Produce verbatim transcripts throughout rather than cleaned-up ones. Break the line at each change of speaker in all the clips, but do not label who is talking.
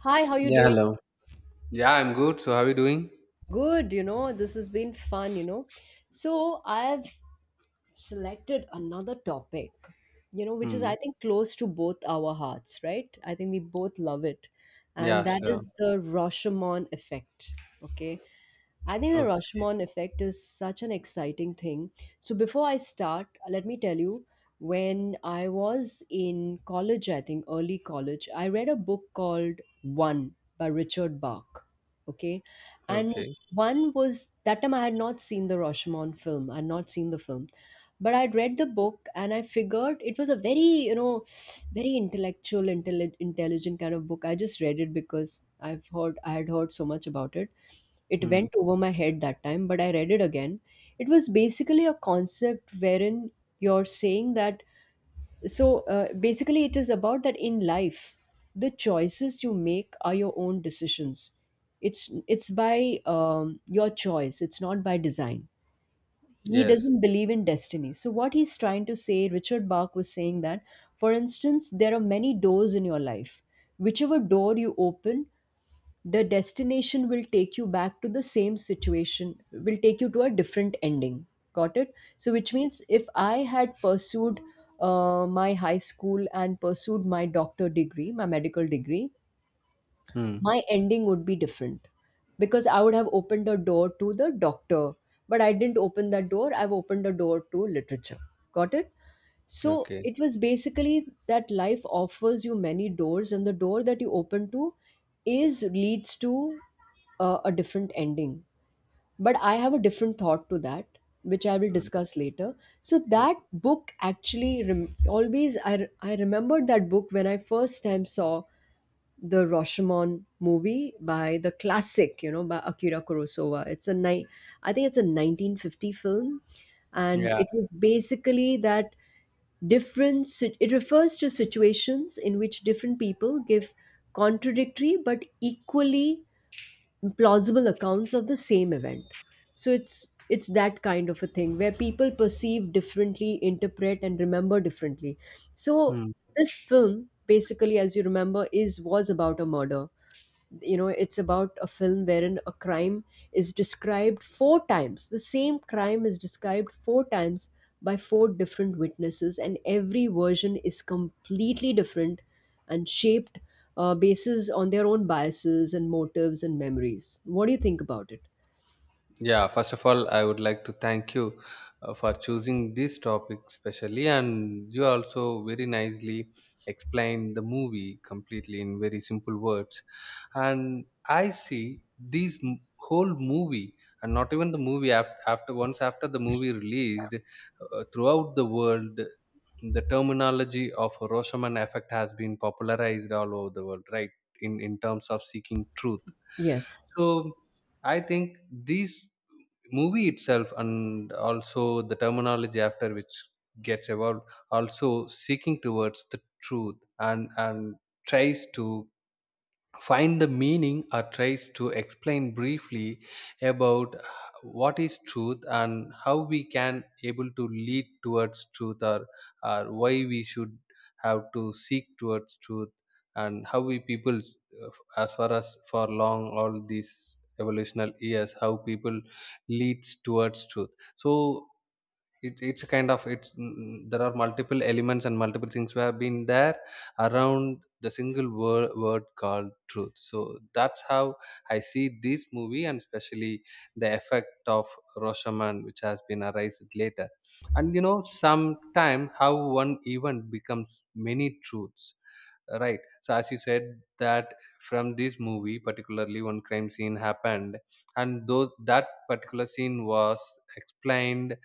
Hi, how you
Yeah,
doing?
hello. Yeah, I'm good. So, how are you doing?
Good, you know, this has been fun, you know. So I've selected another topic, you know, which is
Hmm.
I think close to both our hearts, right? I think we both love it. And
Yeah,
that
sure.
is the Rashomon effect. Okay. I think the
Okay.
Rashomon effect is such an exciting thing. So before I start, let me tell you, when I was in college, I think early college, I read a book called One by Richard Bach. Okay. And
Okay.
one was that time I had not seen the Rashomon film. I had not seen the film. But I'd read the book and I figured it was a very, you know, very intellectual, intelli- intelligent kind of book. I just read it because I've heard I had heard so much about it. It
Hmm.
went over my head that time, but I read it again. It was basically a concept wherein you're saying that. So uh, basically, it is about that in life, the choices you make are your own decisions. It's it's by um, your choice. It's not by design. He
Yes.
doesn't believe in destiny. So what he's trying to say, Richard Bach was saying that, for instance, there are many doors in your life. Whichever door you open, the destination will take you back to the same situation, will take you to a different ending. Got it? So which means if I had pursued uh, my high school and pursued my doctor degree, my medical degree,
Hmm.
my ending would be different because I would have opened a door to the doctor, but I didn't open that door. I've opened a door to literature. Got it. So
Okay.
it was basically that life offers you many doors, and the door that you open to is leads to uh, a different ending. But I have a different thought to that, which I will
Hmm.
discuss later. So
Hmm.
that book actually rem- always I re- I remembered that book when I first time saw the Rashomon movie by the classic, you know, by Akira Kurosawa. It's a ni- I think it's a nineteen fifty film, and
Yeah.
it was basically that. Different sit- it refers to situations in which different people give contradictory but equally plausible accounts of the same event. So it's it's that kind of a thing where people perceive differently, interpret and remember differently. So
Hmm.
this film basically, as you remember, is was about a murder. You know, it's about a film wherein a crime is described four times, the same crime is described four times by four different witnesses, and every version is completely different and shaped uh, bases on their own biases and motives and memories. What do you think about it?
Yeah. First of all, I would like to thank you uh, for choosing this topic specially, and you also very nicely explained the movie completely in very simple words. And I see these m- whole movie, and not even the movie after, after once after the movie released, uh, throughout the world the terminology of Roshoman effect has been popularized all over the world, right? In in terms of seeking truth.
Yes.
So I think this movie itself and also the terminology after which gets evolved also seeking towards the truth and and tries to find the meaning or tries to explain briefly about what is truth and how we can able to lead towards truth or, or why we should have to seek towards truth and how we people as far as for long all these evolutional years how people leads towards truth so it, it's kind of it's mm, there are multiple elements and multiple things we have been there around the single word, word called truth. So that's how I see this movie and especially the effect of Roshaman, which has been arised later, and you know sometime how one event becomes many truths, right? So as you said that from this movie particularly one crime scene happened, and though that particular scene was explained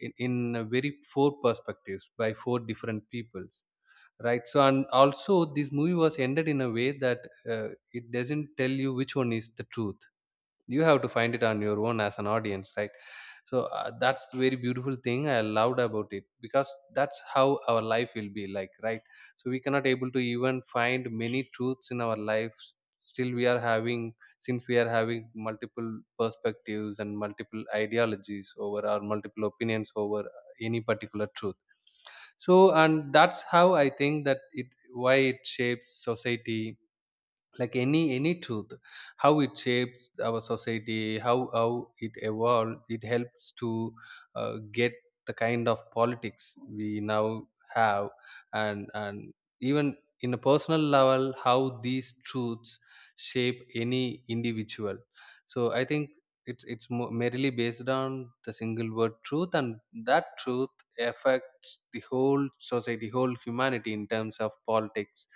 in, in a very four perspectives by four different peoples, right? So and also this movie was ended in a way that uh, it doesn't tell you which one is the truth. You have to find it on your own as an audience, right? So uh, that's the very beautiful thing I loved about it because that's how our life will be like, right? So we cannot able to even find many truths in our lives. Still we are having, since we are having multiple perspectives and multiple ideologies over or multiple opinions over any particular truth. So and that's how I think that it why it shapes society, like any any truth, how it shapes our society, how how it evolves, it helps to uh, get the kind of politics we now have. and and even in a personal level, how these truths shape any individual. So I think it's it's mo- merely based on the single word truth, and that truth affects the whole society, whole humanity, in terms of politics,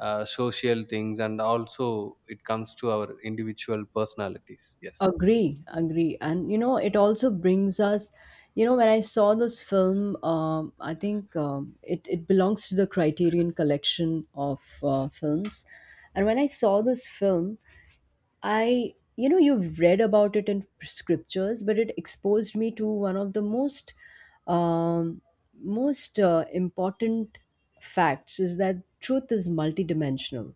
uh, social things, and also it comes to our individual personalities. Yes.
Agree, agree. And you know, it also brings us, you know, when I saw this film, um, I think um, it, it belongs to the Criterion collection of uh, films. And when I saw this film, I, you know, you've read about it in scriptures, but it exposed me to one of the most, um, most uh, important facts is that truth is multidimensional.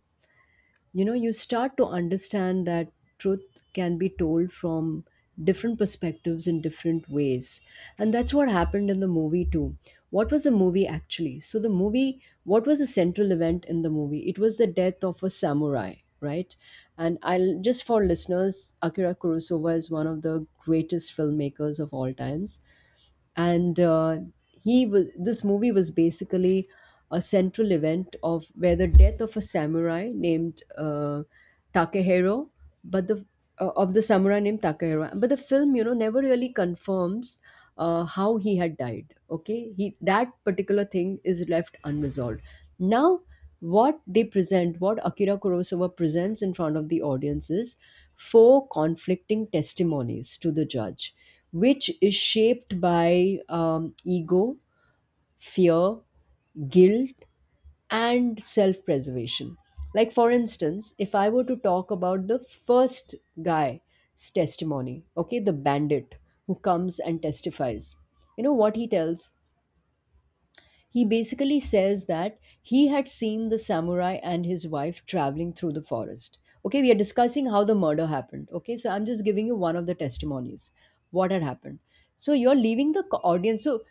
You know, you start to understand that truth can be told from different perspectives in different ways, and that's what happened in the movie too. What was the movie actually? So the movie What was the central event in the movie? It was the death of a samurai, right? And I'll just, for listeners, Akira Kurosawa is one of the greatest filmmakers of all times, and uh, he was this movie was basically a central event of where the death of a samurai named uh, Takehiro, but the uh, of the samurai named Takehiro, but the film, you know never really confirms uh, how he had died. Okay, he that particular thing is left unresolved. Now, what they present what Akira Kurosawa presents in front of the audience is four conflicting testimonies to the judge, which is shaped by um, ego, fear, guilt, and self preservation. Like, for instance, if I were to talk about the first guy's testimony, okay, the bandit who comes and testifies, you know what he tells? He basically says that he had seen the samurai and his wife traveling through the forest. Okay, we are discussing how the murder happened. Okay, so I'm just giving you one of the testimonies, what had happened. So you're leaving the co- audience. So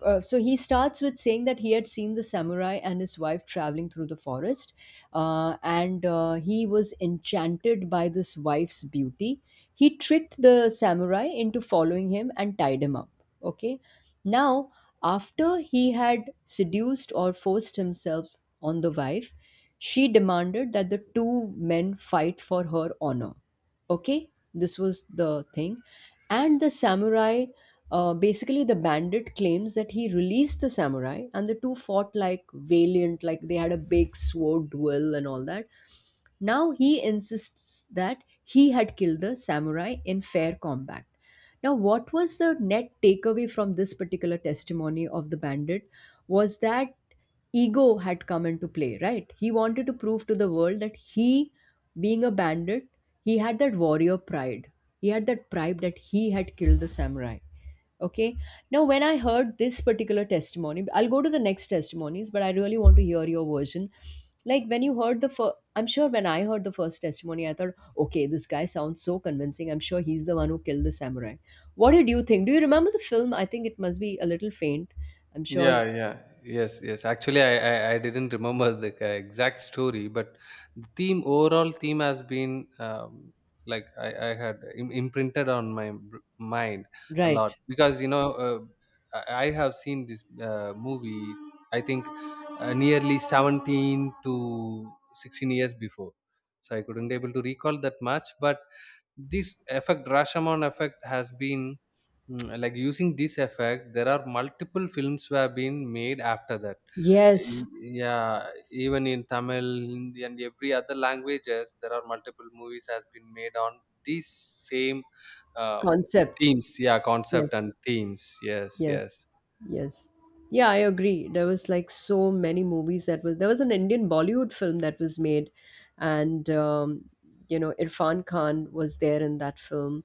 uh, so he starts with saying that he had seen the samurai and his wife traveling through the forest, uh, and uh, he was enchanted by this wife's beauty. He tricked the samurai into following him and tied him up. Okay, now after he had seduced or forced himself on the wife, she demanded that the two men fight for her honor. Okay, this was the thing, and the samurai uh, basically, the bandit claims that he released the samurai and the two fought like valiant, like they had a big sword duel and all that. Now he insists that he had killed the samurai in fair combat. Now, what was the net takeaway from this particular testimony of the bandit was that ego had come into play, right? He wanted to prove to the world that he, being a bandit, he had that warrior pride. He had that pride that he had killed the samurai. Okay. Now, when I heard this particular testimony, I'll go to the next testimonies, but I really want to hear your version. Like, when you heard the first, I'm sure when I heard the first testimony, I thought, okay, this guy sounds so convincing. I'm sure he's the one who killed the samurai. What did you think? Do you remember the film? I think it must be a little faint. I'm
Yeah,
sure.
yeah, yes, yes. Actually, i i, I didn't remember the ca- exact story, but the theme, overall theme has been um, like i i had im- imprinted on my br- mind a lot
Right.
because you know, uh, I I have seen this uh, movie, I think uh, nearly seventeen to sixteen years before. So I couldn't able to recall that much, but this effect, Rashomon effect, has been mm, like using this effect there are multiple films were been made after that.
Yes.
Y- yeah, even in Tamil, Hindi, and every other languages, there are multiple movies has been made on these same um,
Concept.
themes. Yeah, concept
Yes.
and themes. Yes, yes.
Yes, yes. Yeah, I agree. There was like so many movies that was there was an Indian Bollywood film that was made, and um, you know Irfan Khan was there in that film,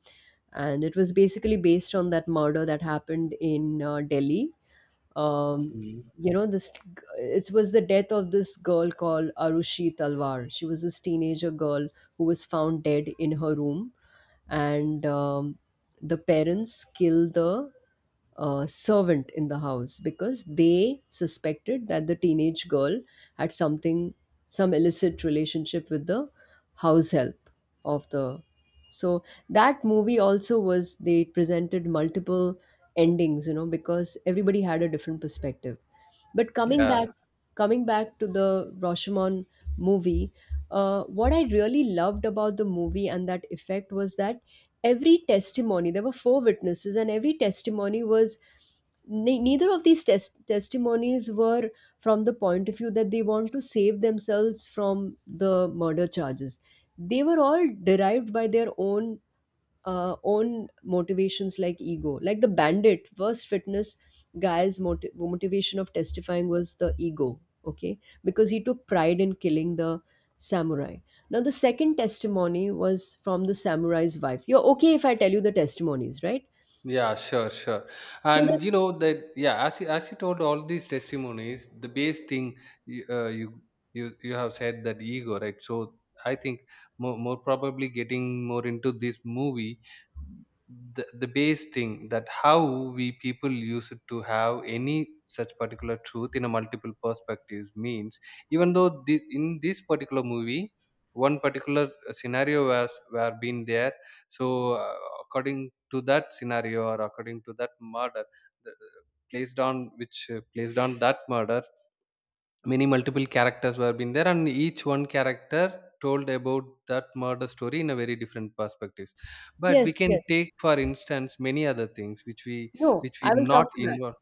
and it was basically based on that murder that happened in uh, Delhi. Um,
Mhm.
you know this g- it was the death of this girl called Arushi Talwar. She was this teenager girl who was found dead in her room, and um, the parents killed the uh, servant in the house because they suspected that the teenage girl had something some illicit relationship with the house help of the so that movie also was they presented multiple endings, you know because everybody had a different perspective. But coming
Yeah.
back, coming back to the Rashomon movie, uh, what I really loved about the movie and that effect was that every testimony, there were four witnesses, and every testimony was ne- neither of these tes- testimonies were from the point of view that they want to save themselves from the murder charges. They were all derived by their own uh, own motivations, like ego. Like the bandit, first fitness guy's moti- motivation of testifying was the ego, okay? Because he took pride in killing the samurai. Now, the second testimony was from the samurai's wife. You're okay if I tell you the testimonies, right?
Yeah, sure, sure.
So, this,
And you know that, yeah, as you, as you told all these testimonies, the base thing you, uh, you you you have said that ego, right? So I think more, more probably getting more into this movie, the the base thing, that how we people used to have any such particular truth in a multiple perspectives, means even though this in this particular movie one particular scenario was were been there. So uh, according to that scenario or according to that murder, the, placed on which, uh, placed on that murder, many multiple characters were been there, and each one character told about that murder story in a very different perspectives. But we
yes, yes.
can take for instance many other things which we
No,
which we
I will come
not
to that.
involve.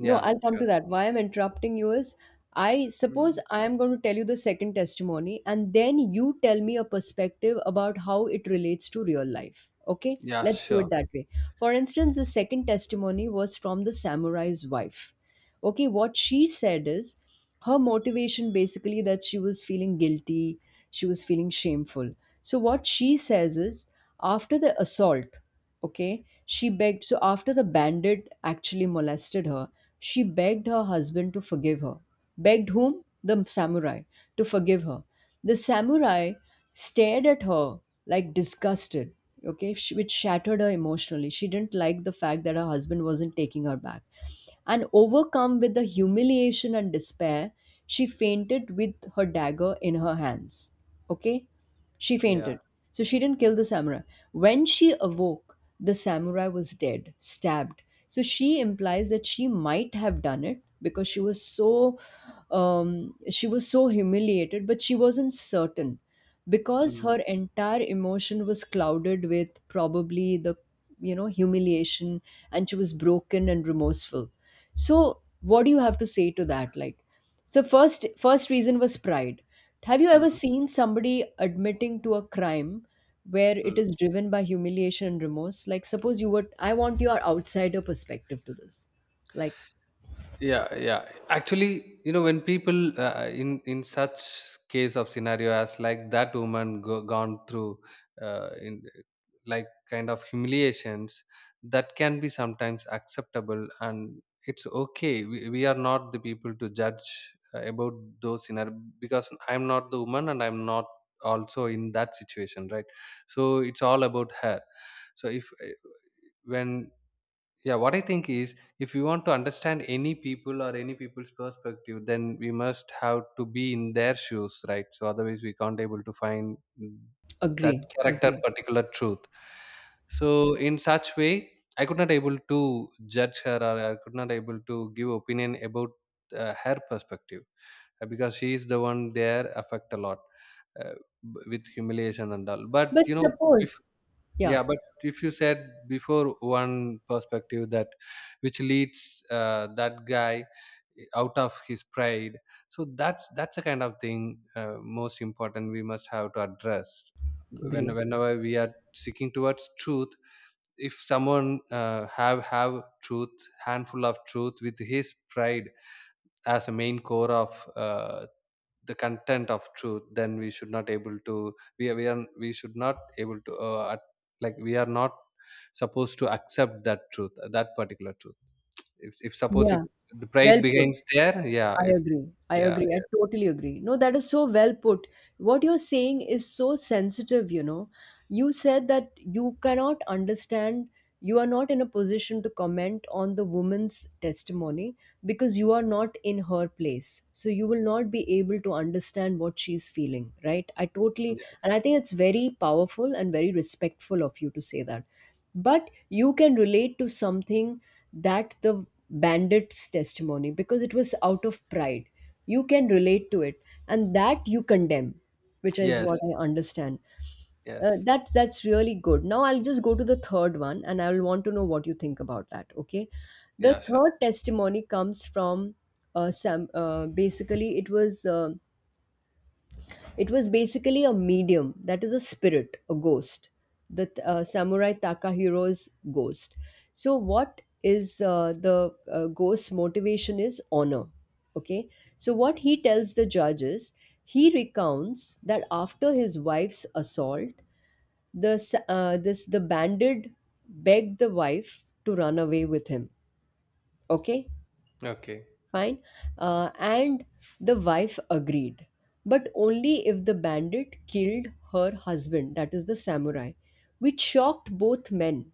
No, I'll come
sure.
to that. Why I'm interrupting you is I suppose
Mm.
I am going to tell you the second testimony, and then you tell me a perspective about how it relates to real life. Okay,
Yeah,
let's do it
sure.
that way. For instance, the second testimony was from the samurai's wife. Okay, what she said is her motivation basically that she was feeling guilty, she was feeling shameful. So, what she says is after the assault, okay, she begged. So, after the bandit actually molested her, she begged her husband to forgive her. Begged whom? The samurai, to forgive her. The samurai stared at her like disgusted, okay, sh- which shattered her emotionally. She didn't like the fact that her husband wasn't taking her back, and overcome with the humiliation and despair, she fainted with her dagger in her hands. Okay? She
Yeah.
fainted. So she didn't kill the samurai. When she awoke, the samurai was dead, stabbed. So she implies that she might have done it because she was so um, she was so humiliated, but she wasn't certain because
Mm,
her entire emotion was clouded with probably the you know humiliation, and she was broken and remorseful. So what do you have to say to that? Like, so first first reason was pride. Have you ever
mm,
seen somebody admitting to a crime where it
mm.
is driven by humiliation and remorse? Like, suppose you were I want your outsider perspective to this. Like,
Yeah, yeah, actually, you know, when people uh, in in such case of scenario as like that woman go, gone through uh, in like kind of humiliations, that can be sometimes acceptable, and it's okay. We, we are not the people to judge uh, about those scenario because I'm not the woman, and I'm not also in that situation, right? So it's all about her. So if uh, when yeah, what I think is if you want to understand any people or any people's perspective, then we must have to be in their shoes, right? So otherwise we can't able to find mm, that
agree,
character
agree.
particular truth. So in such way, I could not able to judge her, or I could not able to give opinion about uh, her perspective, uh, because she is the one there affect a lot, uh, b- with humiliation and all. But
But
you know,
suppose,
before
yeah,
yeah, but if you said before one perspective, that which leads uh, that guy out of his pride, so that's that's a kind of thing, uh, most important we must have to address when,
agree.
whenever we are seeking towards truth. If someone uh, have have truth, handful of truth, with his pride as a main core of uh, the content of truth, then we should not able to, we are, we are, we should not able to uh, at- like we are not supposed to accept that truth, that particular truth, if, if suppose it,
Yeah.
the
Well
pride
put.
begins there. Yeah,
I
if
agree. I
yeah,
agree. I
yeah,
totally agree. No, that is so well put. What you're saying is so sensitive, you know. You said that you cannot understand, you are not in a position to comment on the woman's testimony because you are not in her place, so you will not be able to understand what she's feeling, right? I totally,
yeah.
and I think it's very powerful and very respectful of you to say that. But you can relate to something, that the bandit's testimony, because it was out of pride, you can relate to it, and that you condemn, which is
Yes,
what I understand. uh,
yes.
that's that's really good. Now I'll just go to the third one, and I will want to know what you think about that. Okay, the
Yeah, sure.
third testimony comes from uh, some. Uh, basically, it was uh, it was basically a medium, that is a spirit, a ghost, the th- uh, samurai Takahiro's ghost. So, what is uh, the uh, ghost's motivation? Is honor. Okay, so what he tells the judges, he recounts that after his wife's assault, the s- uh, this the bandit begged the wife to run away with him. Okay,
Okay.
fine. Uh, and the wife agreed, but only if the bandit killed her husband, that is the samurai, which shocked both men.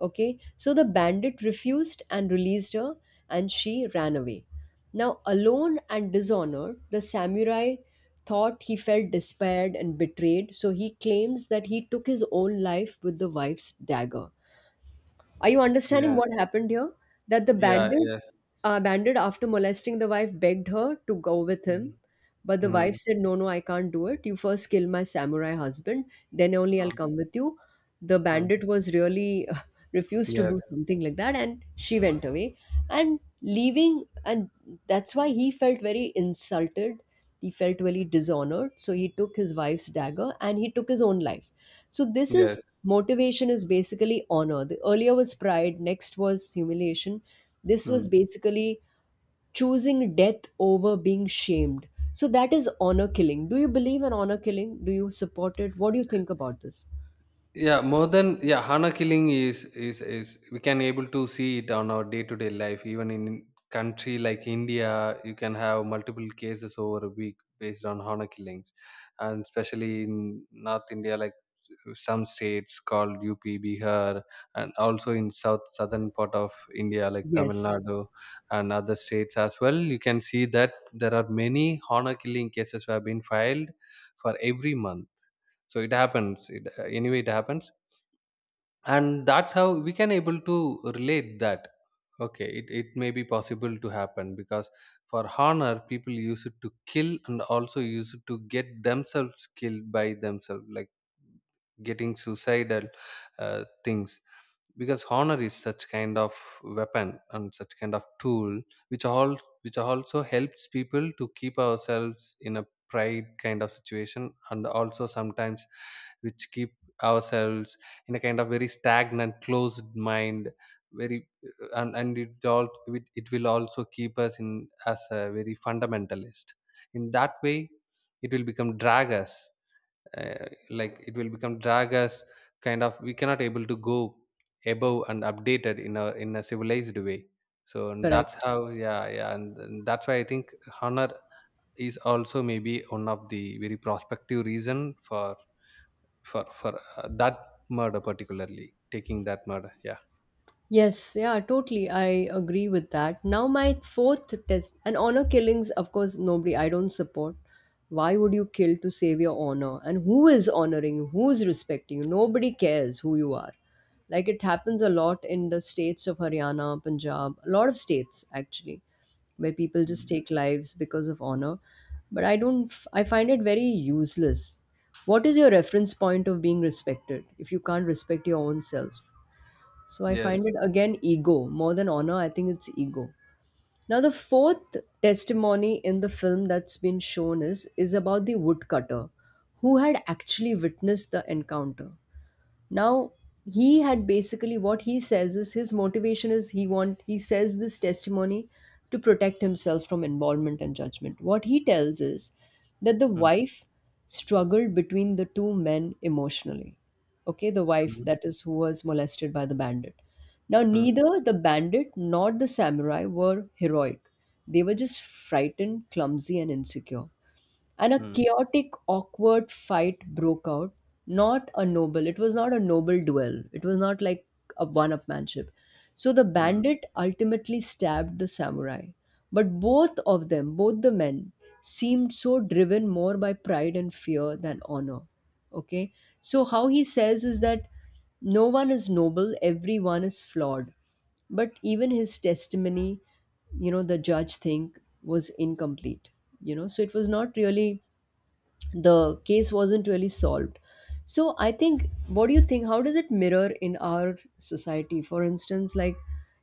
Okay, so the bandit refused and released her, and she ran away. Now, alone and dishonored, the samurai thought he felt despaired and betrayed, so he claims that he took his own life with the wife's dagger. Are you understanding
Yeah,
what happened here? That the
yeah,
bandit,
yes.
uh, bandit after molesting the wife, begged her to go with him.
Mm.
But the wife
Mm.
said, "No, no, I can't do it. You first kill my samurai husband, then only I'll
Mm.
come with you." The
Mm.
bandit was really uh, refused to
Yes,
do something like that, and she went away. And leaving, and that's why he felt very insulted. He felt very dishonored. So he took his wife's dagger and he took his own life. So this
yes.
is motivation is basically honor. The earlier was pride, next was humiliation. This was
Mm.
basically choosing death over being shamed. So that is honor killing. Do you believe in honor killing? Do you support it? What do you think about this?
Yeah, more than yeah, hana killing is is is, we can able to see it on our day to day life, even in country like India. You can have multiple cases over a week based on hana killings, and especially in north India, like some states called UP, Bihar, and also in south, southern part of India, like Tamil
Yes,
Nadu, and other states as well. You can see that there are many hana killing cases have been filed for every month. So it happens, it, anyway it happens. And that's how we can able to relate that, okay, it, it may be possible to happen because for honor people use it to kill, and also use it to get themselves killed by themselves, like getting suicidal uh, things, because honor is such kind of weapon and such kind of tool which all, which also helps people to keep ourselves in a pride kind of situation, and also sometimes which keep ourselves in a kind of very stagnant closed mind, very and, and it all, it, it will also keep us in as a very fundamentalist. In that way it will become drag us, uh, like it will become drag us, kind of we cannot able to go above and updated in a in a civilized way. So and that's
correct.
how yeah, yeah, and, and that's why I think honor is also maybe one of the very prospective reason for for for uh, that murder, particularly taking that murder. Yeah.
Yes, yeah, totally. I agree with that. Now, my fourth test, and honor killings, of course, nobody, I don't support. Why would you kill to save your honor? And who is honoring you? Who's respecting you? Nobody cares who you are. Like it happens a lot in the states of Haryana, Punjab, a lot of states actually, where people just
Mm.
take lives because of honor. But I don't, f- I find it very useless. What is your reference point of being respected if you can't respect your own self? So I find
Yes.
it again ego. More than honor, I think it's ego. Now the fourth testimony in the film that's been shown is is about the woodcutter who had actually witnessed the encounter. Now he had basically, what he says is his motivation is, he want he says this testimony to protect himself from involvement and judgment. What he tells is that the
Mm-hmm.
wife struggled between the two men emotionally. Okay, the wife,
Mm-hmm.
that is who was molested by the bandit. Now, neither the bandit nor the samurai were heroic, they were just frightened, clumsy, and insecure, and a
Mm-hmm.
chaotic, awkward fight broke out. Not a noble, it was not a noble duel, it was not like a one upmanship. So the bandit ultimately stabbed the samurai, but both of them, both the men, seemed so driven more by pride and fear than honor. Okay, so how he says is that no one is noble, everyone is flawed, but even his testimony, you know the judge think was incomplete, you know so it was not really, the case wasn't really solved. So I think, what do you think? How does it mirror in our society? For instance, like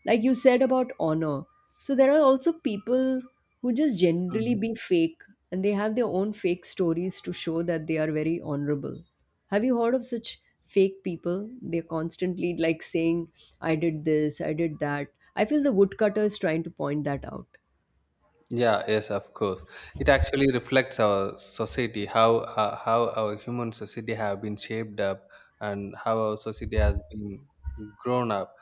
like you said about honor. So there are also people who just generally
Mm-hmm.
be fake, and they have their own fake stories to show that they are very honorable. Have you heard of such fake people? They're constantly like saying, "I did this, I did that." I feel the woodcutter is trying to point that out.
Yeah, yes, of course. It actually reflects our society, how uh, how our human society have been shaped up, and how our society has been grown up.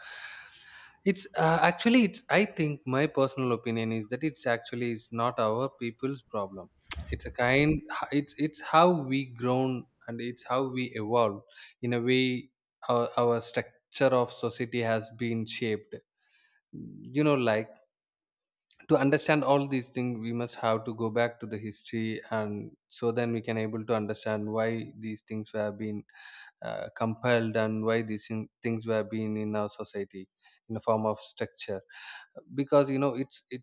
It's uh, actually, it's, I think my personal opinion is that it's actually it's not our people's problem. It's a kind, It's it's how we grown and it's how we evolved. In a way, our our structure of society has been shaped. You know, like to understand all these things we must have to go back to the history, and so then we can able to understand why these things were being uh, compiled, and why these thing- things were being in our society in the form of structure, because you know it's it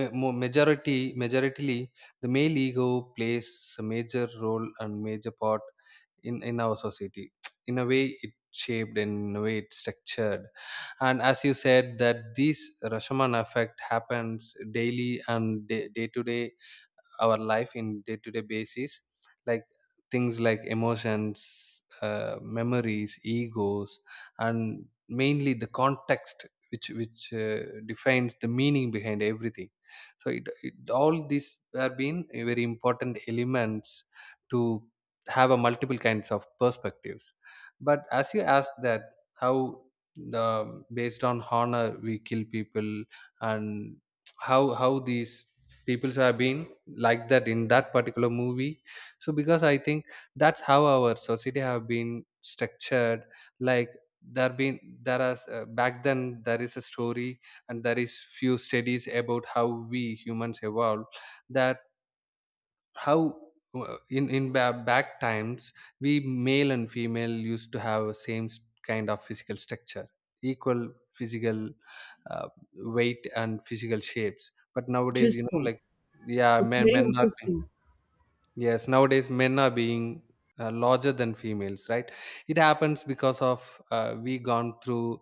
ma- mo- majority majoritarily the male ego plays a major role and major part in in our society. In a way it shaped, and in a way it's structured. And as you said, that this Rashomon effect happens daily and day to day, our life in day to day basis, like things like emotions, uh, memories, egos, and mainly the context, which which uh, defines the meaning behind everything. So it, it all these have been a very important elements to have a multiple kinds of perspectives. But as you asked, that how the based on honor we kill people, and how how these people who have been like that in that particular movie. So because I think that's how our society have been structured, like there been there are uh, back then there is a story, and there is few studies about how we humans evolved, that how uh, in in ba- back times we male and female used to have a same s- kind of physical structure, equal physical uh, weight and physical shapes. But nowadays, you know
Interesting.
like, yeah,
It's
men
very
men are.
interesting.
Yes, nowadays men are being uh, larger than females, right? It happens because of, uh, we gone through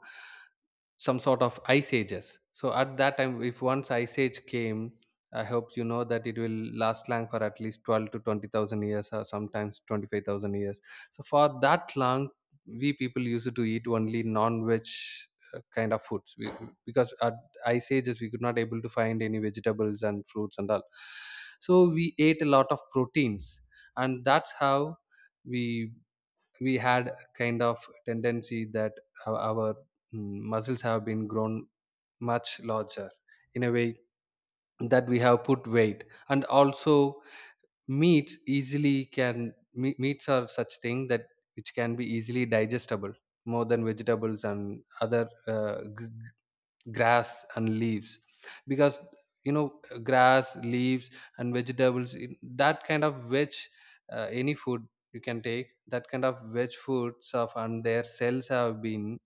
some sort of ice ages. So at that time, if once ice age came, I hope you know that it will last long for at least twelve to twenty thousand years, or sometimes twenty five thousand years. So for that long, we people used to eat only non-veg uh, kind of foods we, because at ice ages we could not able to find any vegetables and fruits and all. So we ate a lot of proteins, and that's how we we had a kind of tendency that our, our mm, muscles have been grown much larger, in a way that we have put weight. And also meats easily can me- meats are such thing that which can be easily digestible more than vegetables and other uh, gr- grass and leaves, because you know grass, leaves, and vegetables, in- that kind of veg, uh, any food you can take that kind of veg foods of, and their cells have been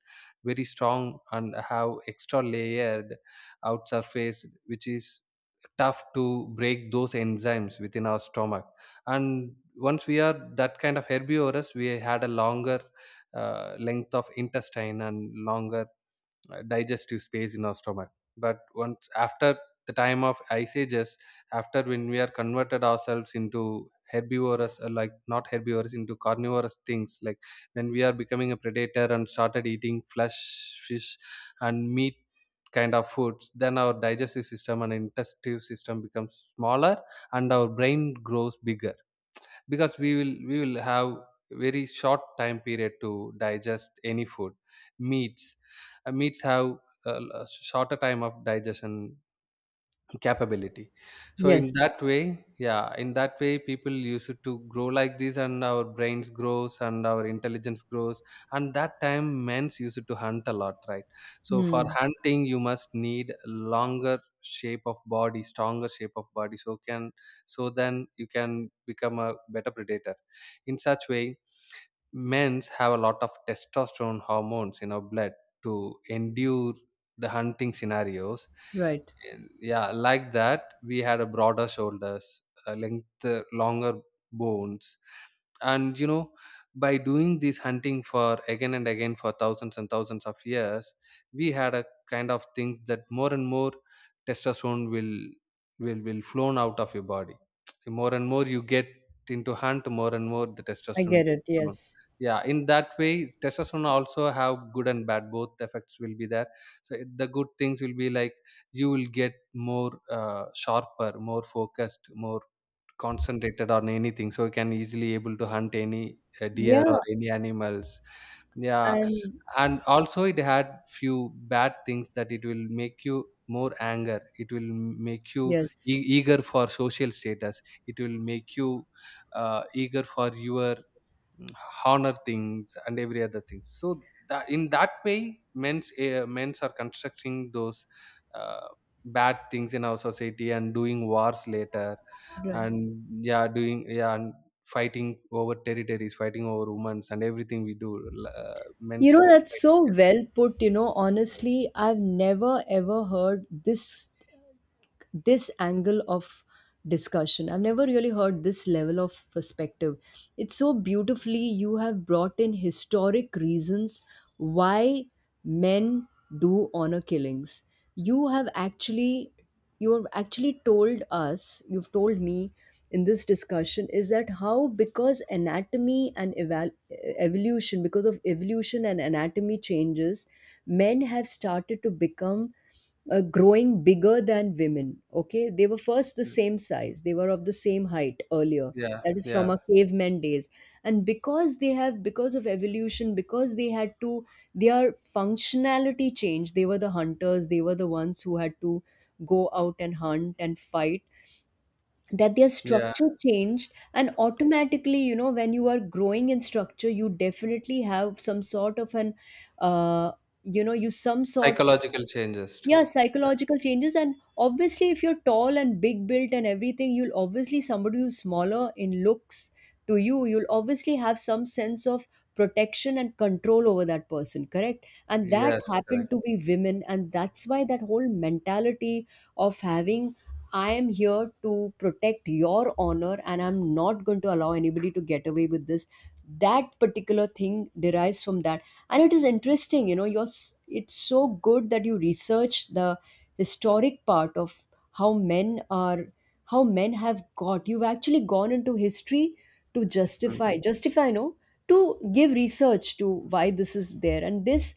very strong and have extra layered out surface which is tough to break those enzymes within our stomach. And once we are that kind of herbivorous, we had a longer uh, length of intestine and longer uh, digestive space in our stomach. But once after the time of ice ages, after when we are converted ourselves into herbivorous, uh, like not herbivorous into carnivorous, things like when we are becoming a predator and started eating flesh, fish, and meat kind of foods, then our digestive system and intestinal system becomes smaller, and our brain grows bigger, because we will we will have very short time period to digest any food. Meats, uh, meats have a l- a shorter time of digestion capability. So in
Yes.
that way yeah in that way people used to grow like this, and our brains grows and our intelligence grows. And that time men's used to hunt a lot, right? So for
Hmm.
hunting you must need longer shape of body, stronger shape of body, so can so then you can become a better predator. In such way, men's have a lot of testosterone hormones in our blood to endure the hunting scenarios.
Right.
And, yeah, like that, we had a broader shoulders, a length, uh, longer bones. And you know, by doing this hunting for again and again for thousands and thousands of years, we had a kind of things that more and more testosterone will will will flown out of your body. The more and more you get into hunt, more and more the
I
testosterone
get
will
it.
flown.
Yes.
Yeah, in that way, testosterone also have good and bad both effects will be there. So it- the good things will be like, you will get more, uh, sharper, more focused, more concentrated on anything, so you can easily able to hunt any uh, deer or
Yeah.
any animals. Yeah.
And
And also it had few bad things, that it will make you more anger, it will make you
yes.
e- eager for social status, it will make you uh, eager for your mm, honor things and every other things. So that in that way men's uh, men's are constructing those uh, bad things in our society and doing wars later.
Right.
And, yeah, doing, yeah, and fighting over territories, fighting over women's and everything we do, l- uh,
You
men's
know,
do,
that's
right?
so well put. You know, honestly, I've never ever heard this, this angle of discussion. I've never really heard this level of perspective. It's so beautifully you have brought in historic reasons why men do honor killings. You have actually you have actually told us, you've told me in this discussion is that how, because anatomy and eval- evolution, because of evolution and anatomy changes, men have started to become uh, growing bigger than women. Okay, they were first the same size, they were of the same height earlier.
Yeah,
That is from
yeah.
our cavemen days. And because they have, because of evolution, because they had to, their functionality changed. They were the hunters, they were the ones who had to go out and hunt and fight. That their
Yeah,
structure changed, and automatically, you know, when you are growing in structure, you definitely have some sort of an, uh, you know, you some sort
psychological changes too.
yeah,
Yeah.
psychological changes, and obviously if you're tall and big built and everything, you'll obviously somebody who's smaller in looks to you, you'll obviously have some sense of protection and control over that person, correct? And that
Yes,
happened
correct.
to be women, and that's why that whole mentality of having, "I am here to protect your honor, and I'm not going to allow anybody to get away with this." That particular thing derives from that. And it is interesting, you know, you're s- it's so good that you research the historic part of how men are how men have got, you've actually gone into history to justify,
Mhm.
justify no, to give research to why this is there. And this,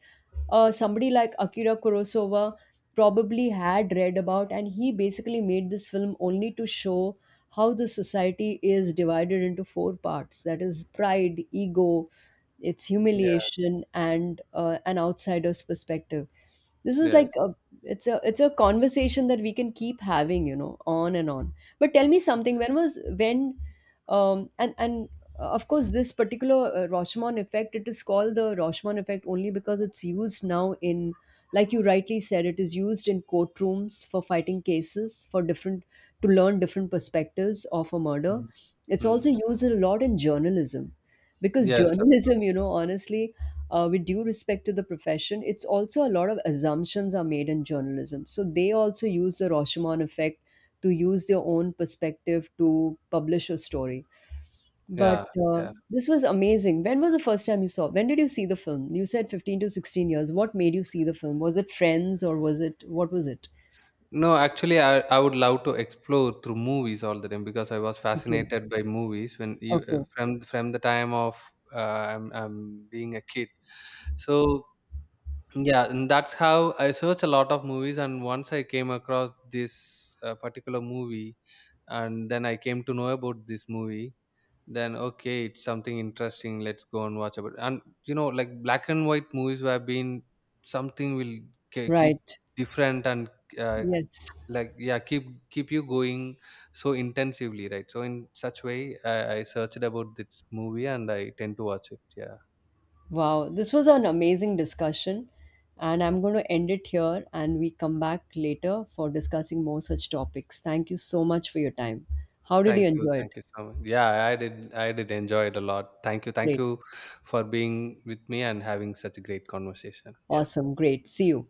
uh, somebody like Akira Kurosawa probably had read about, and he basically made this film only to show how the society is divided into four parts, that is pride, ego, its
Yeah.
humiliation, and uh, an outsider's perspective. This was
Yes.
like a, it's a it's a conversation that we can keep having, you know on and on. But tell me something, when was, when um and and uh, of course, this particular uh, Rashomon effect, it is called the Rashomon effect only because it's used now in, like you rightly said, it is used in courtrooms for fighting cases for different, to learn different perspectives of a murder.
Mm.
It's
Mm.
also used a lot in journalism, because
Yes.
journalism, you know honestly, uh, with due respect to the profession, it's also, a lot of assumptions are made in journalism, so they also use the Rashomon effect to use their own perspective to publish a story.
Yeah,
But uh,
yeah.
this was amazing. When was the first time you saw, when did you see the film? You said fifteen to sixteen years. What made you see the film? Was it friends, or was it, what was it?
No, actually, I, I would love to explore through movies all the time, because I was
Okay,
fascinated by movies when you, uh,
okay,
from from the time of, uh, I'm, I'm being a kid. So, yeah, and that's how I search a lot of movies. And once I came across this uh, particular movie, and then I came to know about this movie. Then okay, it's something interesting. Let's go and watch about. And you know, like black and white movies have been something will ke- keep
right,
different and, uh,
yes.
like, yeah, keep keep you going so intensively, right? So in such way, i, I searched about this movie, and I tend to watch it. Yeah.
Wow, this was an amazing discussion, and I'm going to end it here and we come back later for discussing more such topics. Thank you so much for your time. How did you
Thank you,
enjoy
thank
it?
you so much. Yeah, i did I did enjoy it a lot. Thank you, thank
Great.
you for being with me and having such a great conversation. Yeah.
Awesome. Great. See you.